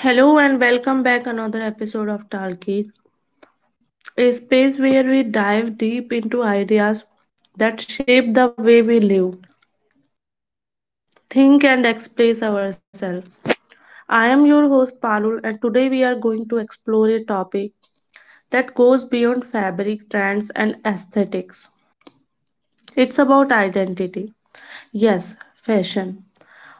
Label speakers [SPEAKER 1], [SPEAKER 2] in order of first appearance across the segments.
[SPEAKER 1] Hello and welcome back another episode of Talkie, a space where we dive deep into ideas that shape the way we live, think and express ourselves. I am your host Parul and today we are going to explore a topic that goes beyond fabric trends and aesthetics. It's about identity. Yes, fashion.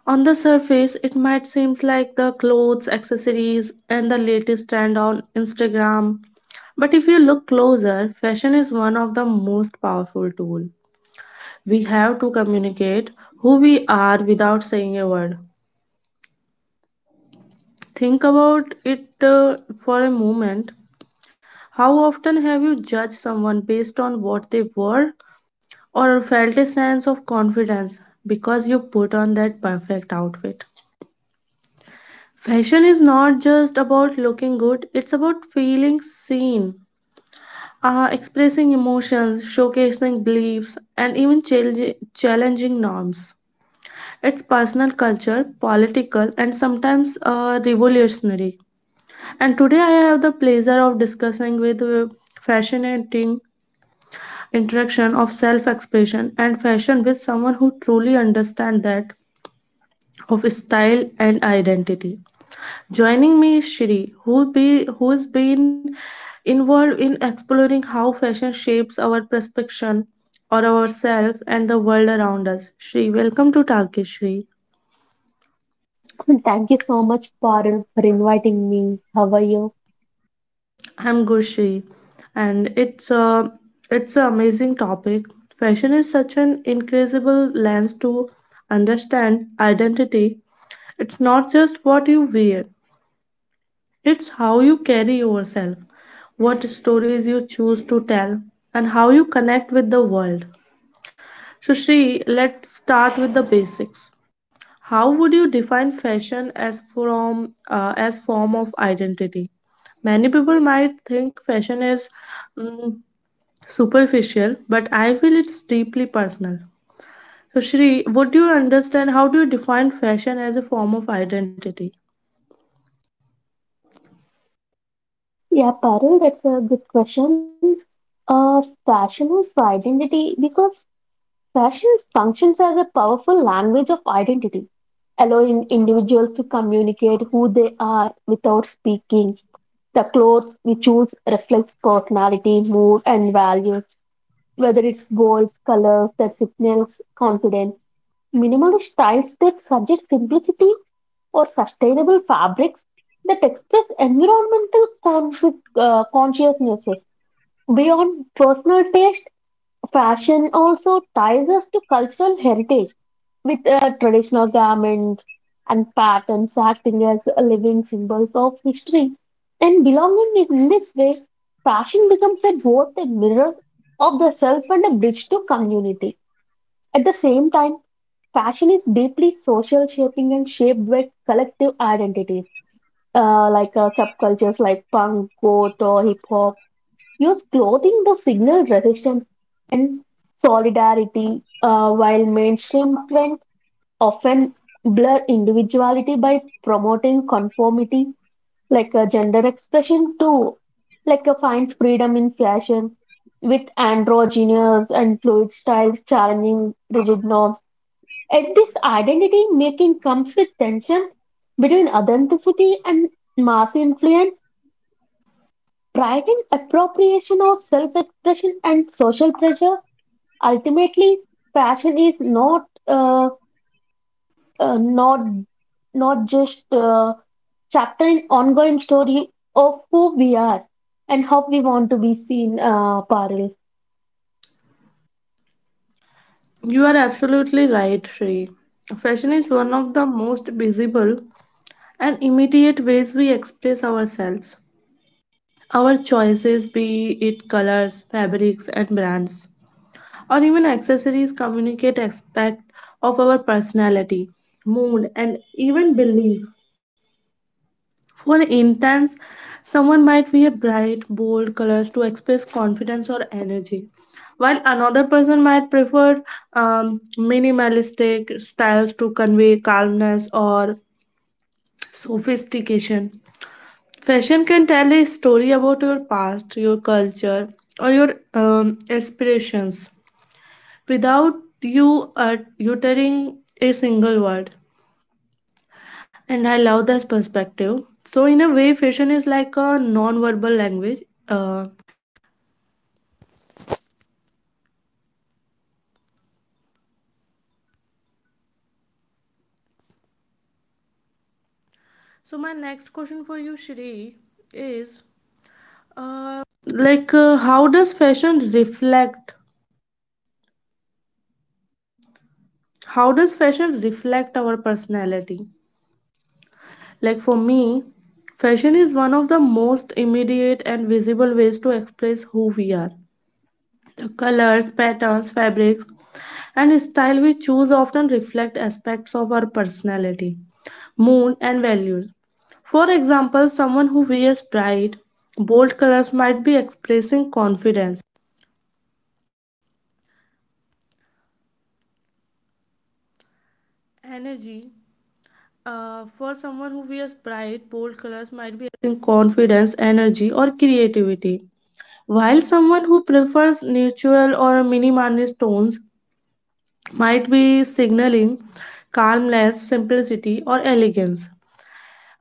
[SPEAKER 1] On the surface, it might seem like the clothes, accessories, and the latest trend on Instagram. But if you look closer, fashion is one of the most powerful tools. We have to communicate who we are without saying a word. Think about it for a moment. How often have you judged someone based on what they wore or felt a sense of confidence because you put on that perfect outfit? Fashion is not just about looking good, it's about feeling seen, expressing emotions, showcasing beliefs, and even challenging norms. It's personal culture, political, and sometimes revolutionary. And today I have the pleasure of discussing with fascinating interaction of self-expression and fashion with someone who truly understands that of style and identity. Joining me is Shri, who's been involved in exploring how fashion shapes our perception or ourselves and the world around us. Shri, welcome to Talkish Shri.
[SPEAKER 2] Thank you so much, Parul, for inviting me. How are you?
[SPEAKER 1] I'm good, Shri, and it's an amazing topic. Fashion is such an incredible lens to understand identity. It's not just what you wear, it's how you carry yourself, what stories you choose to tell, and how you connect with the world. So, Shri, let's start with the basics. How would you define fashion as from as form of identity? Many people might think fashion is mm, superficial, but I feel it's deeply personal. So, Shri, would you understand how do you define fashion as a form of identity?
[SPEAKER 2] Yeah, Parul, that's a good question. Fashion is identity because fashion functions as a powerful language of identity, allowing individuals to communicate who they are without speaking. The clothes we choose reflects personality, mood, and values, whether it's bold colors that signals confidence, minimalist styles that suggest simplicity, or sustainable fabrics that express environmental consciousnesses. Beyond personal taste, fashion also ties us to cultural heritage, with traditional garments and patterns acting as living symbols of history and belonging. In this way, fashion becomes both a mirror of the self and a bridge to community. At the same time, fashion is deeply social, shaping and shaped by collective identities like subcultures like punk, goth, or hip hop use clothing to signal resistance and solidarity, while mainstream trends often blur individuality by promoting conformity, like a gender expression too, like a finds freedom in fashion with androgynous and fluid styles challenging rigid norms. Yet this identity making comes with tensions between authenticity and mass influence driving appropriation of self expression and social pressure. Ultimately, fashion is uh, not not just a chapter in ongoing story of who we are and how we want to be seen, Parul.
[SPEAKER 1] You are absolutely right, Shri. Fashion is one of the most visible and immediate ways we express ourselves. Our choices, be it colors, fabrics, and brands, or even accessories, communicate aspect of our personality, mood, and even belief. For instance, someone might wear bright, bold colors to express confidence or energy, while another person might prefer minimalistic styles to convey calmness or sophistication. Fashion can tell a story about your past, your culture, or your aspirations without you uttering a single word. And I love this perspective. So, in a How does fashion reflect our personality? Like for me, fashion is one of the most immediate and visible ways to express who we are. The colors, patterns, fabrics, and style we choose often reflect aspects of our personality, mood, and values. For example, someone who wears bright while someone who prefers neutral or minimalist tones might be signaling calmness, simplicity, or elegance.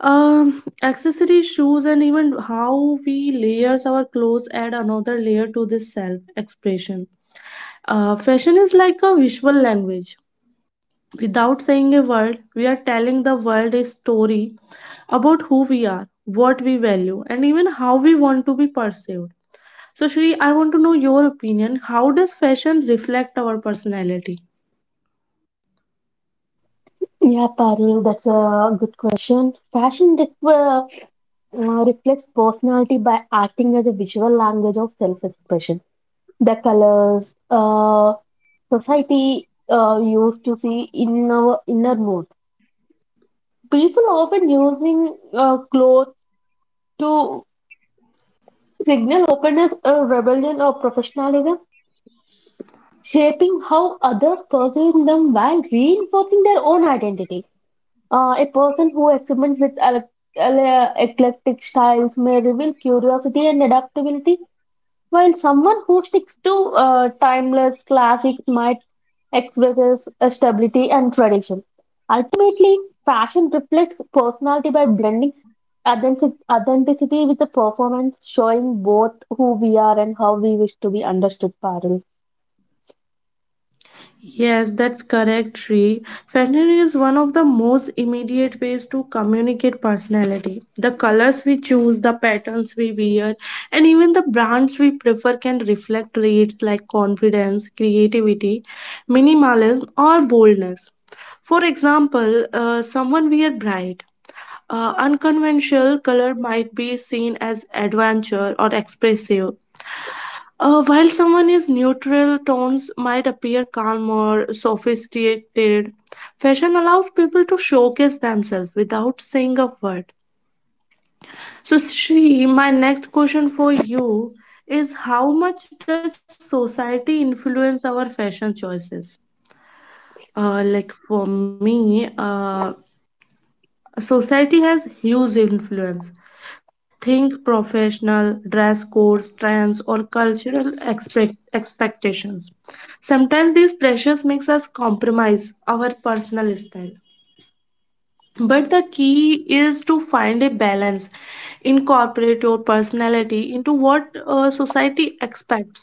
[SPEAKER 1] Accessory shoes and even how we layers our clothes add another layer to this self-expression. Fashion is like a visual language. Without saying a word, we are telling the world a story about who we are, what we value, and even how we want to be perceived. So, Shri, I want to know your opinion. How does fashion reflect our personality?
[SPEAKER 2] Yeah, Parul, that's a good question. Fashion reflects personality by acting as a visual language of self expression. The colors, society used to see in our inner mood. People often using clothes to signal openness or rebellion or professionalism, shaping how others perceive them while reinforcing their own identity. A person who experiments with eclectic styles may reveal curiosity and adaptability, while someone who sticks to timeless classics might expresses a stability and tradition. Ultimately, fashion reflects personality by blending authenticity with the performance, showing both who we are and how we wish to be understood, Parul.
[SPEAKER 1] Yes, that's correct, Shri. Fashion is one of the most immediate ways to communicate personality. The colors we choose, the patterns we wear, and even the brands we prefer can reflect traits like confidence, creativity, minimalism, or boldness. For example, someone wear bright, unconventional color might be seen as adventure or expressive, while someone is neutral, tones might appear calm or sophisticated. Fashion allows people to showcase themselves without saying a word. So, Sri, my next question for you is how much does society influence our fashion choices? Like for me, society has huge influence. Think professional, dress codes, trends, or cultural expectations. Sometimes these pressures makes us compromise our personal style. But the key is to find a balance. Incorporate your personality into what society expects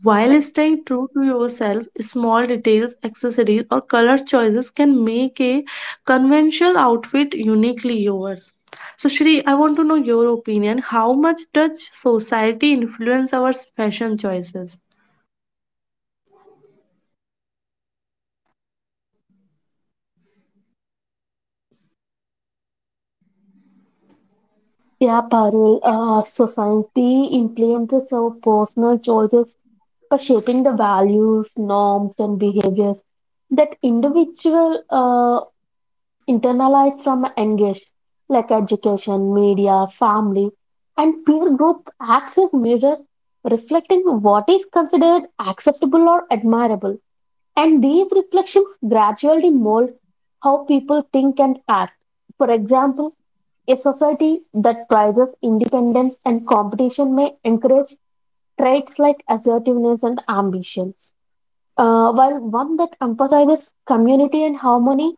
[SPEAKER 1] while staying true to yourself. Small details, accessories, or color choices can make a conventional outfit uniquely yours. So, Shri, I want to know your opinion. How much does society influence our fashion choices?
[SPEAKER 2] Yeah, Parul, society influences our personal choices by shaping the values, norms, and behaviors that individual internalized from engaged like education, media, family, and peer group, acts as mirrors reflecting what is considered acceptable or admirable. And these reflections gradually mold how people think and act. For example, a society that prizes independence and competition may encourage traits like assertiveness and ambitions, while one that emphasizes community and harmony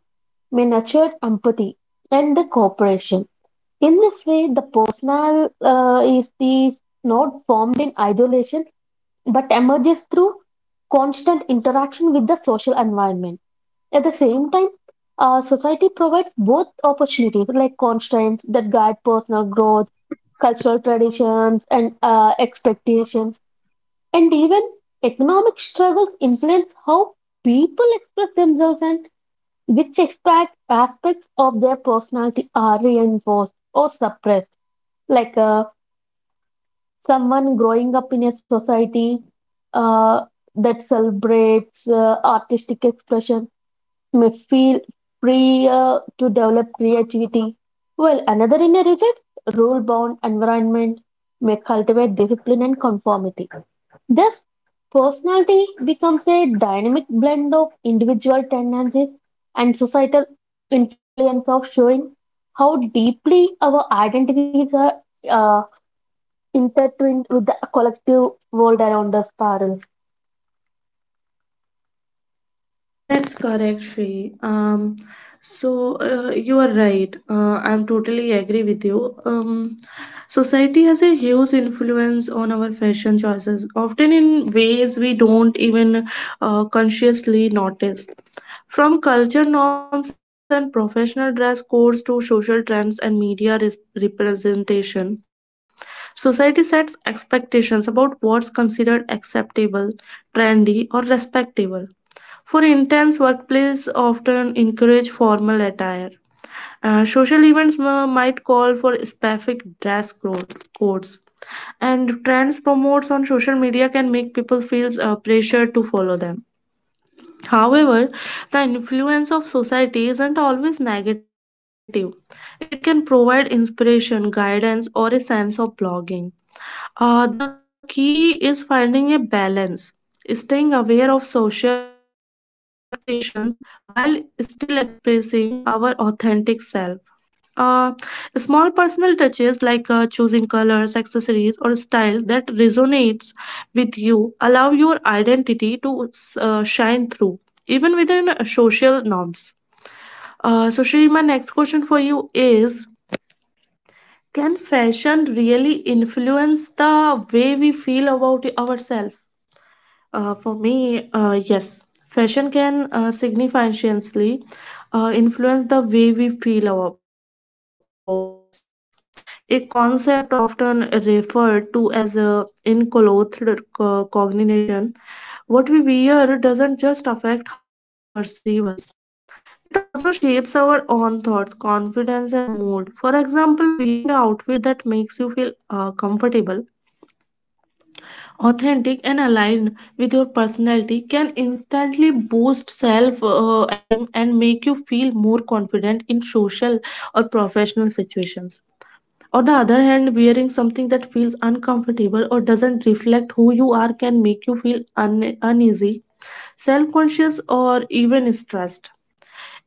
[SPEAKER 2] may nurture empathy and the cooperation. In this way, the personal is not formed in isolation but emerges through constant interaction with the social environment. At the same time, society provides both opportunities like constraints that guide personal growth, cultural traditions, and expectations, and even economic struggles influence how people express themselves and which expect aspects of their personality are reinforced or suppressed like someone growing up in a society uh, that celebrates artistic expression may feel freer to develop creativity while another in a rigid rule bound environment may cultivate discipline and conformity. Thus, personality becomes a dynamic blend of individual tendencies and societal influence of showing how deeply our identities are uh, intertwined with the collective world around us, Parul.
[SPEAKER 1] That's correct, Shri. So you are right. I'm totally agree with you. Society has a huge influence on our fashion choices, often in ways we don't even consciously notice. From culture norms and professional dress codes to social trends and media representation, society sets expectations about what's considered acceptable, trendy, or respectable. For intense workplace often encourage formal attire. Social events might call for specific codes, and trends promotes on social media can make people feel pressure to follow them. However, the influence of society isn't always negative. It can provide inspiration, guidance, or a sense of belonging. The key is finding a balance, staying aware of social expectations while still expressing our authentic self. Uh, Small personal touches like choosing colors, accessories, or style that resonates with you allow your identity to shine through, even within social norms. So, Shri, my next question for you is can fashion really influence the way we feel about ourselves? For me, fashion can significantly influence the way about ourselves, a concept often referred to as a enclothed cognition. What we wear doesn't just affect how others perceive us. It also shapes our own thoughts, confidence, and mood. For example, wearing an outfit that makes you feel comfortable, authentic, and aligned with your personality can instantly boost self esteem and make you feel more confident in social or professional situations. On the other hand, wearing something that feels uncomfortable or doesn't reflect who you are can make you feel uneasy, self conscious, or even stressed.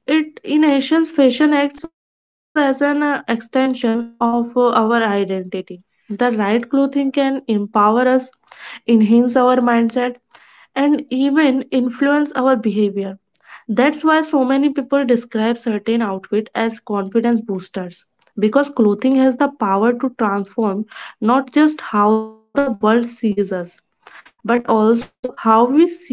[SPEAKER 1] It in Asians, fashion acts as an extension of our identity. The right clothing can empower us, enhance our mindset, and even influence our behavior. That's why so many people certain outfit as confidence boosters because clothing has the power to transform not just how the world sees us but also how see ourselves.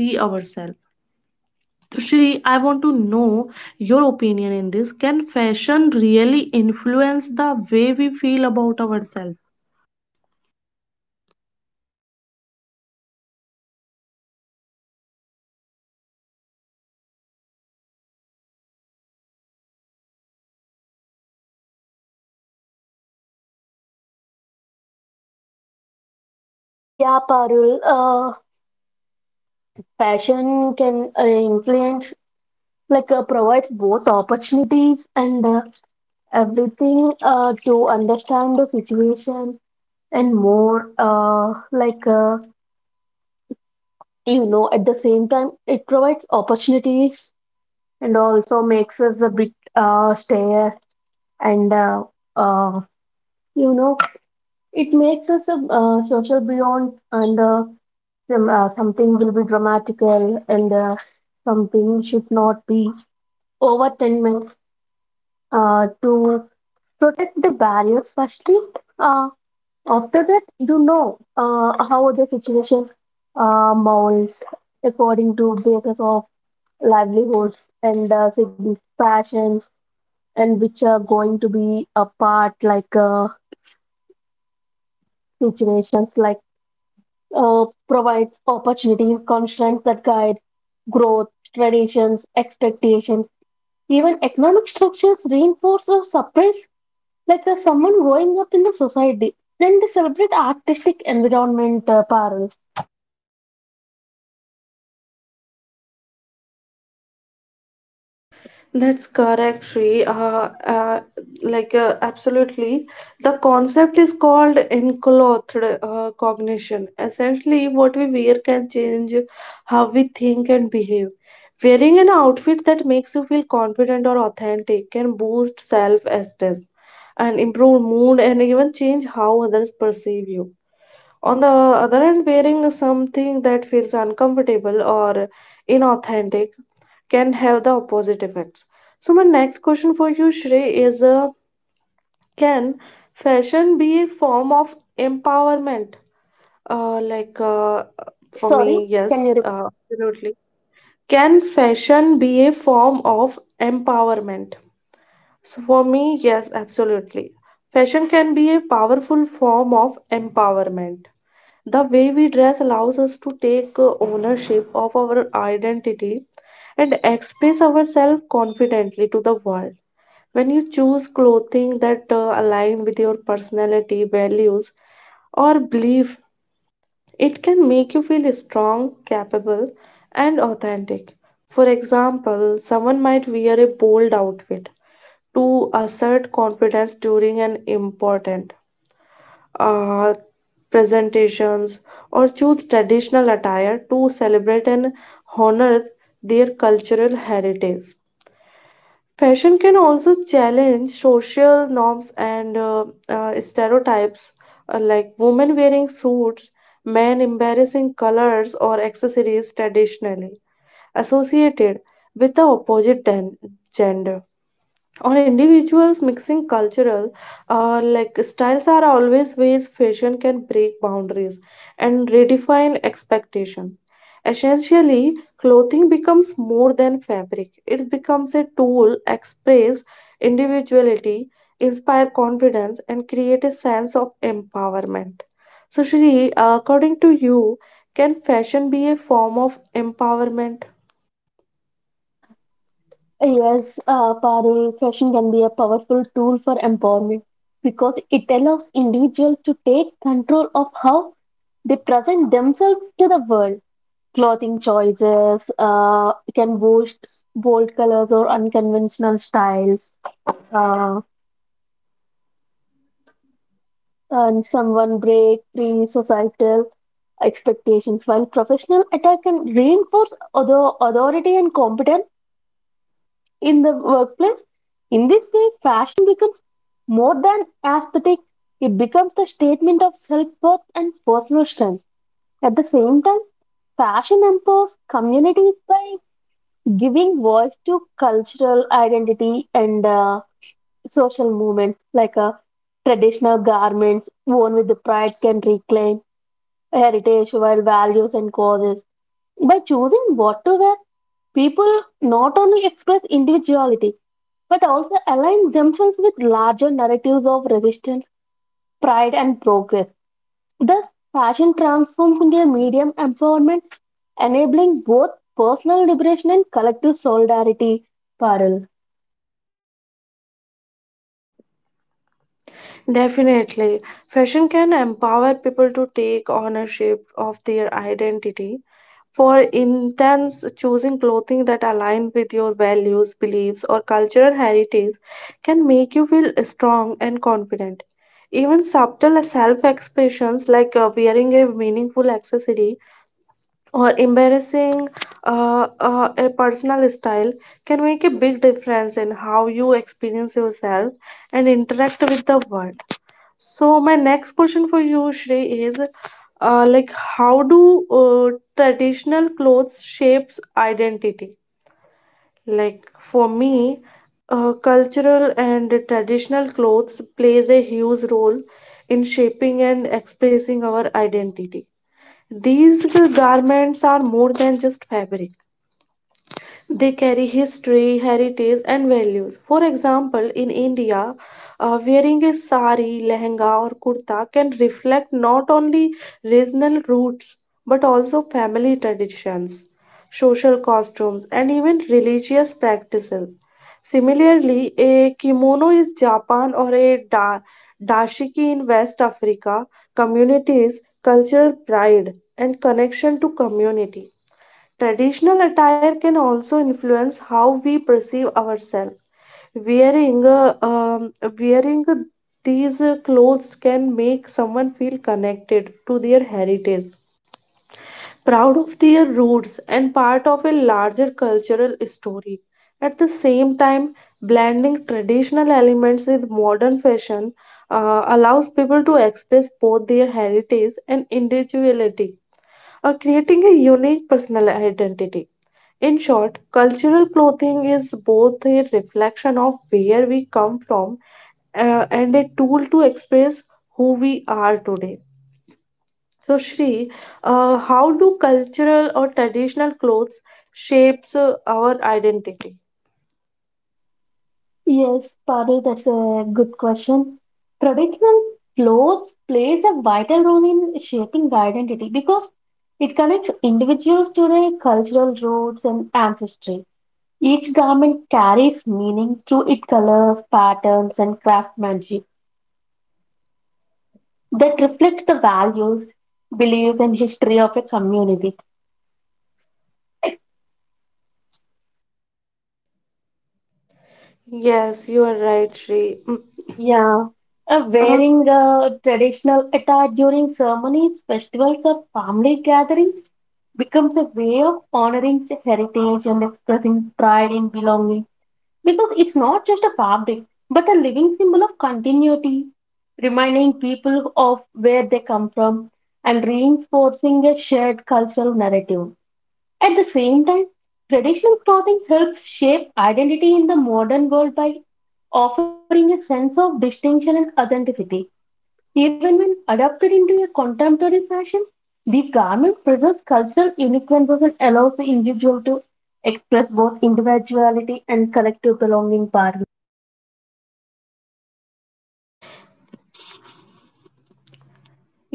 [SPEAKER 1] So Shri, I want to know your opinion in this. Can fashion really influence the way we feel about ourselves?
[SPEAKER 2] Yeah, Parul, fashion can influence, like provides both opportunities and everything to understand the situation and more like you know at the same time it provides opportunities and also makes us a bit stare and uh, you know it makes us a social beyond and some, something will be dramatical and something should not be over 10 minutes to protect the barriers firstly uh, after that you know how the situation molds according to basis of livelihoods and passions and which are going to be a part like situations like provides opportunities constraints that guide growth traditions expectations even economic structures reinforce or suppress like someone growing up in the society then they celebrate artistic environment parallel.
[SPEAKER 1] That's correct, Sri. Absolutely. The concept is called enclothed cognition. Essentially, what we wear can change how we think and behave. Wearing an outfit that makes you feel confident or authentic can boost self esteem and improve mood and even change how others perceive you. On the other hand, wearing something that feels uncomfortable or inauthentic can have the opposite effects. So my next question for you, Shrey, is can fashion be a form of empowerment? Uh, like uh, for
[SPEAKER 2] Sorry,
[SPEAKER 1] me,
[SPEAKER 2] can
[SPEAKER 1] yes,
[SPEAKER 2] you?
[SPEAKER 1] absolutely. Can fashion be a form of empowerment? So for me, yes, absolutely. Can be a powerful form of empowerment. The way we dress allows us to take ownership of our identity and express ourselves confidently to the world. When clothing that align with your personality, values, or belief, it can make you feel strong, capable, and authentic. For example, someone might wear a bold outfit to assert confidence during an important uh, presentations, or choose traditional attire to celebrate and honor their cultural heritage. Fashion can also challenge social norms and stereotypes, like women wearing suits, men embarrassing colors or accessories traditionally associated with the opposite gender on individuals mixing cultural like styles are always ways fashion can break boundaries and redefine expectations essentially clothing becomes more than fabric it becomes a tool express individuality inspire confidence and create a sense of empowerment. So Shri, according to you, can fashion be a form of empowerment?
[SPEAKER 2] Yes, Parul, fashion can be a powerful tool for empowerment because it allows individuals to take control of how they present themselves to the world. Clothing choices can boast bold colors or unconventional styles, uh, and someone break free societal expectations, while professional attire can reinforce authority and competence in the workplace. In this way, fashion becomes more than aesthetic, it becomes the statement of self worth and personal strength. At the same time, fashion empowers communities by giving voice to cultural identity and social movements like traditional garments worn with the pride can reclaim heritage while values and causes. By choosing what to wear, people not only express individuality but also align themselves with larger narratives of resistance, pride, and progress. Thus, fashion transforms into a medium empowerment, enabling both personal liberation and collective solidarity. Parul.
[SPEAKER 1] Definitely. Fashion can empower people to take ownership of their identity. For instance, choosing clothing that align with your values, beliefs, or cultural heritage can make you feel strong and confident. Even subtle self expressions like wearing a meaningful accessory or embarrassing a personal style can make a big difference in how you experience yourself and interact with the world. So my next question for you, Shrey, is how do traditional clothes shapes identity? Like for me, cultural and traditional clothes plays a huge role in shaping and expressing our identity. These garments are more than just fabric. They carry history, heritage, and values. For example, in India, wearing a sari, lehenga, or kurta can reflect not only regional roots but also family traditions, social costumes, and even religious practices. Similarly, a kimono is Japan or a dashiki in West Africa. Communities, cultural pride, and connection to community. Traditional attire can also influence how we perceive ourselves. Wearing, uh, um, wearing these clothes can make someone feel connected to their heritage, proud of their roots, and part of a larger cultural story. At the same time, blending traditional elements with modern fashion allows people to express both their heritage and individuality, creating a unique personal identity. In short, cultural clothing is both a reflection of where we come from and a tool to express who we are today. So, Shri, how do cultural or traditional clothes shapes our identity?
[SPEAKER 2] Yes, Parul, that's a good question. Traditional clothes plays a vital role in shaping the identity because it connects individuals to their cultural roots and ancestry. Each garment carries meaning through its colors, patterns, and craftsmanship that reflects the values, beliefs, and history of a community.
[SPEAKER 1] Yes, you are
[SPEAKER 2] Sure.
[SPEAKER 1] right, Shri.
[SPEAKER 2] Yeah.
[SPEAKER 1] Uh,
[SPEAKER 2] Wearing a traditional attire during ceremonies, festivals, or family gatherings becomes a way of honoring the heritage and expressing pride in belonging, because it's not just a fabric but a living symbol of continuity, reminding people of where they come from and reinforcing a shared cultural narrative. At the same time, traditional clothing helps shape identity in the modern world by offering a sense of distinction and authenticity. Even when adapted into a contemporary fashion, these garments cultural uniqueness and allows the individual to express both individuality and collective belonging power.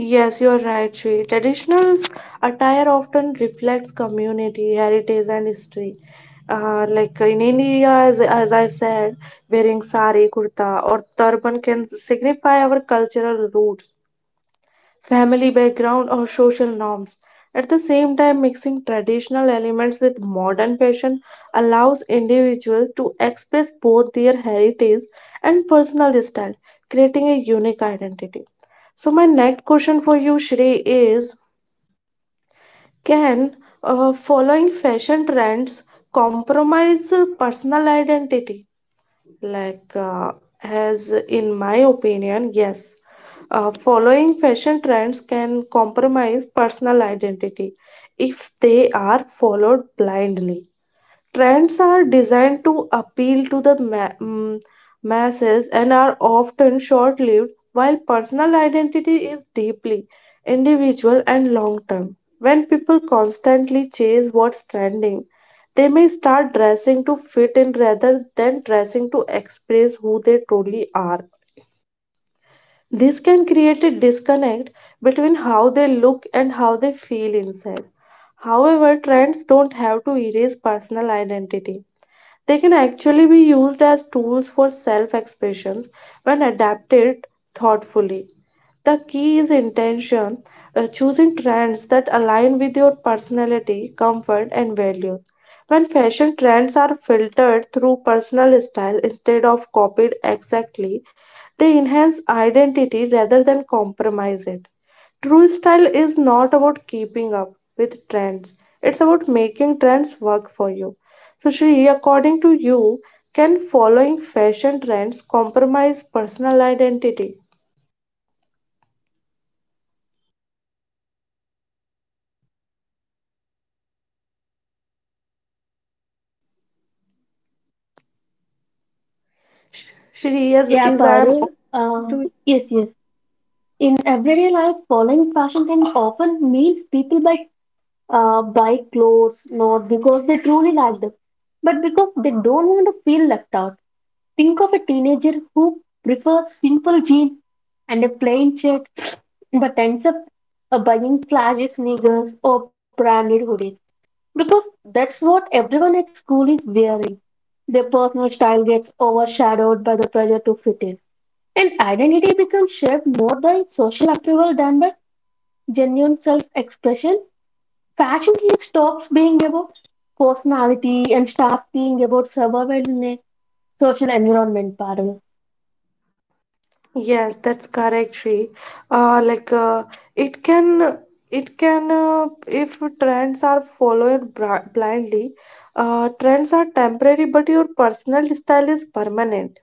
[SPEAKER 1] Yes, you're right, Sri. Traditional attire often reflects community, heritage, and history. Like in India, as I said, wearing sari, kurta, or turban can signify our cultural roots, family background, or social norms. At the same time, mixing traditional elements with modern fashion allows individuals to express both their heritage and personal style, creating a unique identity. So, my next question for you, Shri, is, can following fashion trends compromise personal identity? like uh, as in my opinion, yes, following fashion trends can compromise personal identity if they are followed blindly. Trends are designed to appeal to the masses and are often short lived, while personal identity is deeply individual and long term. When people constantly chase what's trending, they may start dressing to fit in rather than dressing to express who they truly are. This can create a disconnect between how they look and how they feel inside. However, trends don't have to erase personal identity. They can actually be used as tools for self expressions when adapted thoughtfully. The key is intention, choosing trends that align with your personality, comfort, and values. When fashion trends are filtered through personal style instead of copied exactly, they enhance identity rather than compromise it. True style is not about keeping up with trends, it's about making trends work for you. So, Shri, according to you, can following fashion trends compromise personal identity? Shri, yes,
[SPEAKER 2] Yeah,
[SPEAKER 1] is I am
[SPEAKER 2] Parul.
[SPEAKER 1] to
[SPEAKER 2] Yes. In everyday life, following fashion trends often means people buy clothes not because they truly like them, but because they don't want to feel left out. Think of a teenager who prefers simple jeans and a plain shirt, but ends up buying flashy sneakers or branded hoodies because that's what everyone at school is wearing. Their personal style gets overshadowed by the pressure to fit in. And identity becomes shaped more by social approval than by genuine self expression. Fashion here stops being about personality and starts being about survival in a social environment, Parul.
[SPEAKER 1] yes, that's correct, Shri. Uh, like uh, it can, it can, if trends are followed bra blindly, trends are temporary, but your personal style is permanent.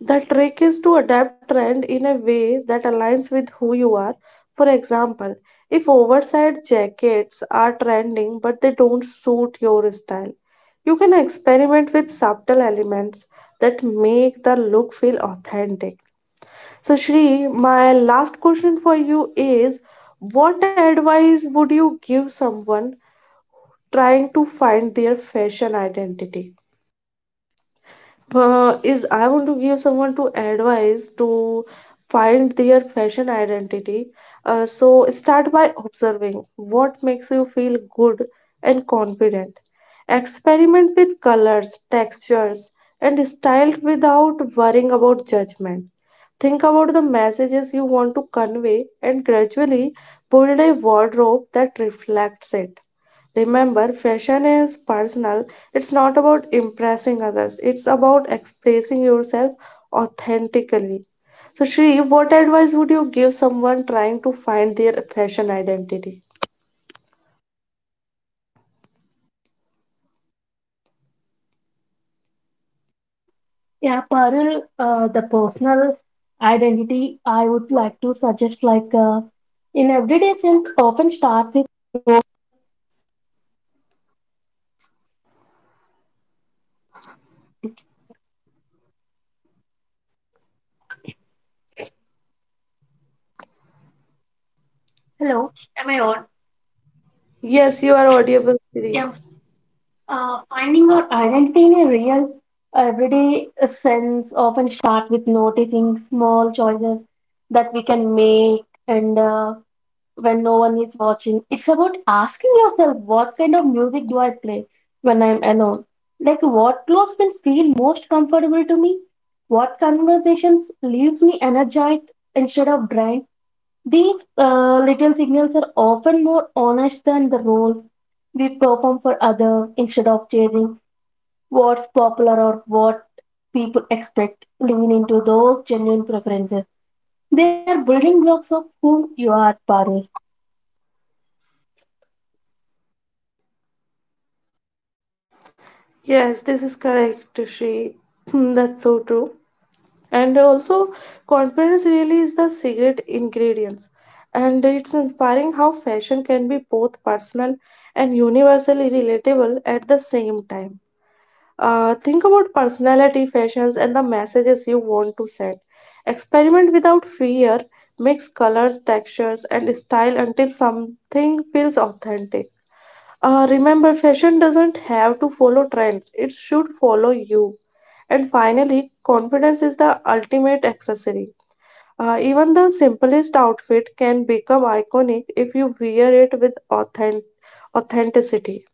[SPEAKER 1] The trick is to adapt trend in a way that aligns with who you are. For example, if oversized jackets are trending but they don't suit your style, you can experiment with subtle elements that make the look feel authentic. So, Shri, my last question for you is, what advice would you give someone trying to find their fashion identity? Is I want to give someone to advise to find their fashion identity. So start by observing what makes you feel good and confident. Experiment with colors, textures, and style without worrying about judgment. Think about the messages you want to convey and gradually build a wardrobe that reflects it. Remember, fashion is personal. It's not about impressing others, it's about expressing yourself authentically. So, Shri, what advice would you give someone trying to find their fashion identity?
[SPEAKER 2] Yeah, Parul, the personal identity I would like to suggest, like in everyday sense, often starts.
[SPEAKER 1] Yes, you are audible,
[SPEAKER 2] Yeah,
[SPEAKER 1] Shri.
[SPEAKER 2] finding our identity in a real, everyday sense often start with noticing small choices that we can make, and when no one is watching, it's about asking yourself, what kind of music do I play when I'm alone? Like, what clothes will feel most comfortable to me? What conversations leaves me energized instead of drained? These little signals are often more honest than the roles we perform for others instead of chasing what's popular or what people expect. Lean into those genuine preferences. They are building blocks of who you are, Parul.
[SPEAKER 1] Yes, this is correct, Shri. That's so true. And also, confidence really is the secret ingredients. And inspiring how fashion can be both personal and universally relatable at the same time. Think about personality, fashions, and the messages you want to send. Experiment without fear, mix colors, textures, and style until something feels authentic. Remember, fashion doesn't have to follow trends, it should follow you. And finally, confidence is the ultimate accessory. Even the simplest outfit can become iconic if you wear it with authenticity.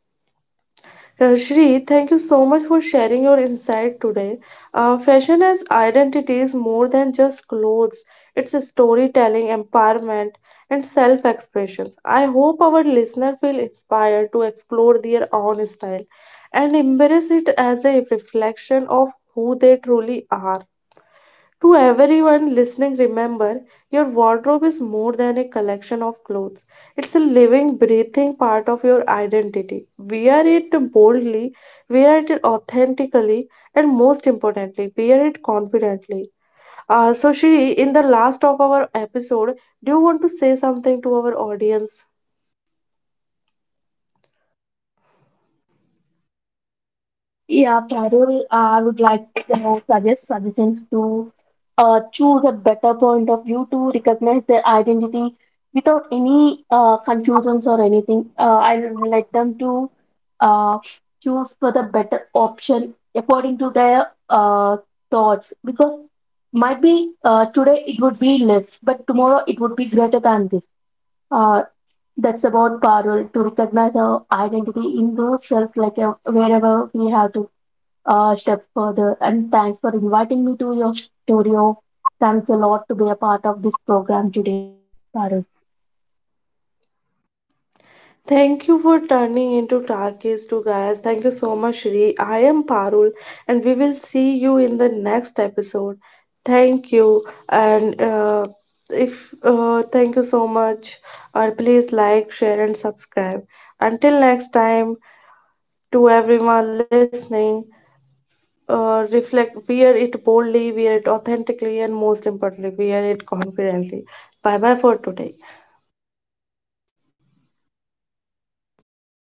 [SPEAKER 1] Shri, thank you so much for sharing your insight today. Fashion as identity is more than just clothes, it's a storytelling, empowerment, and self expression. I hope our listener feel inspired to explore their own style and embrace it as a reflection of who they truly are. To everyone listening, remember your wardrobe is more than a collection of clothes. It's a living, breathing part of your identity. Wear it boldly, wear it authentically, and most importantly, wear it confidently. So, Shri, in the last of our episode, do you want to say something to our audience?
[SPEAKER 2] Yeah, Parul, I would like to know, suggestions to choose a better point of view to recognize their identity without any confusions or anything. I'll let them to uh, choose for the better option according to their thoughts because might be today it would be less, but tomorrow it would be greater than this. Uh, that's about Parul to recognize our identity in those self, like wherever we have to step further. And thanks for inviting me to your studio. Thanks a lot to be a part of this program today, Parul.
[SPEAKER 1] Thank you for turning into Talkies to guys. Thank you so much, Shri. I am Parul, and we will see you in the next episode. Thank you, and if thank you so much, and please like, share, and subscribe. Until next time, to everyone listening, reflect, wear it boldly, wear it authentically, and most importantly, wear it confidently. Bye bye for today.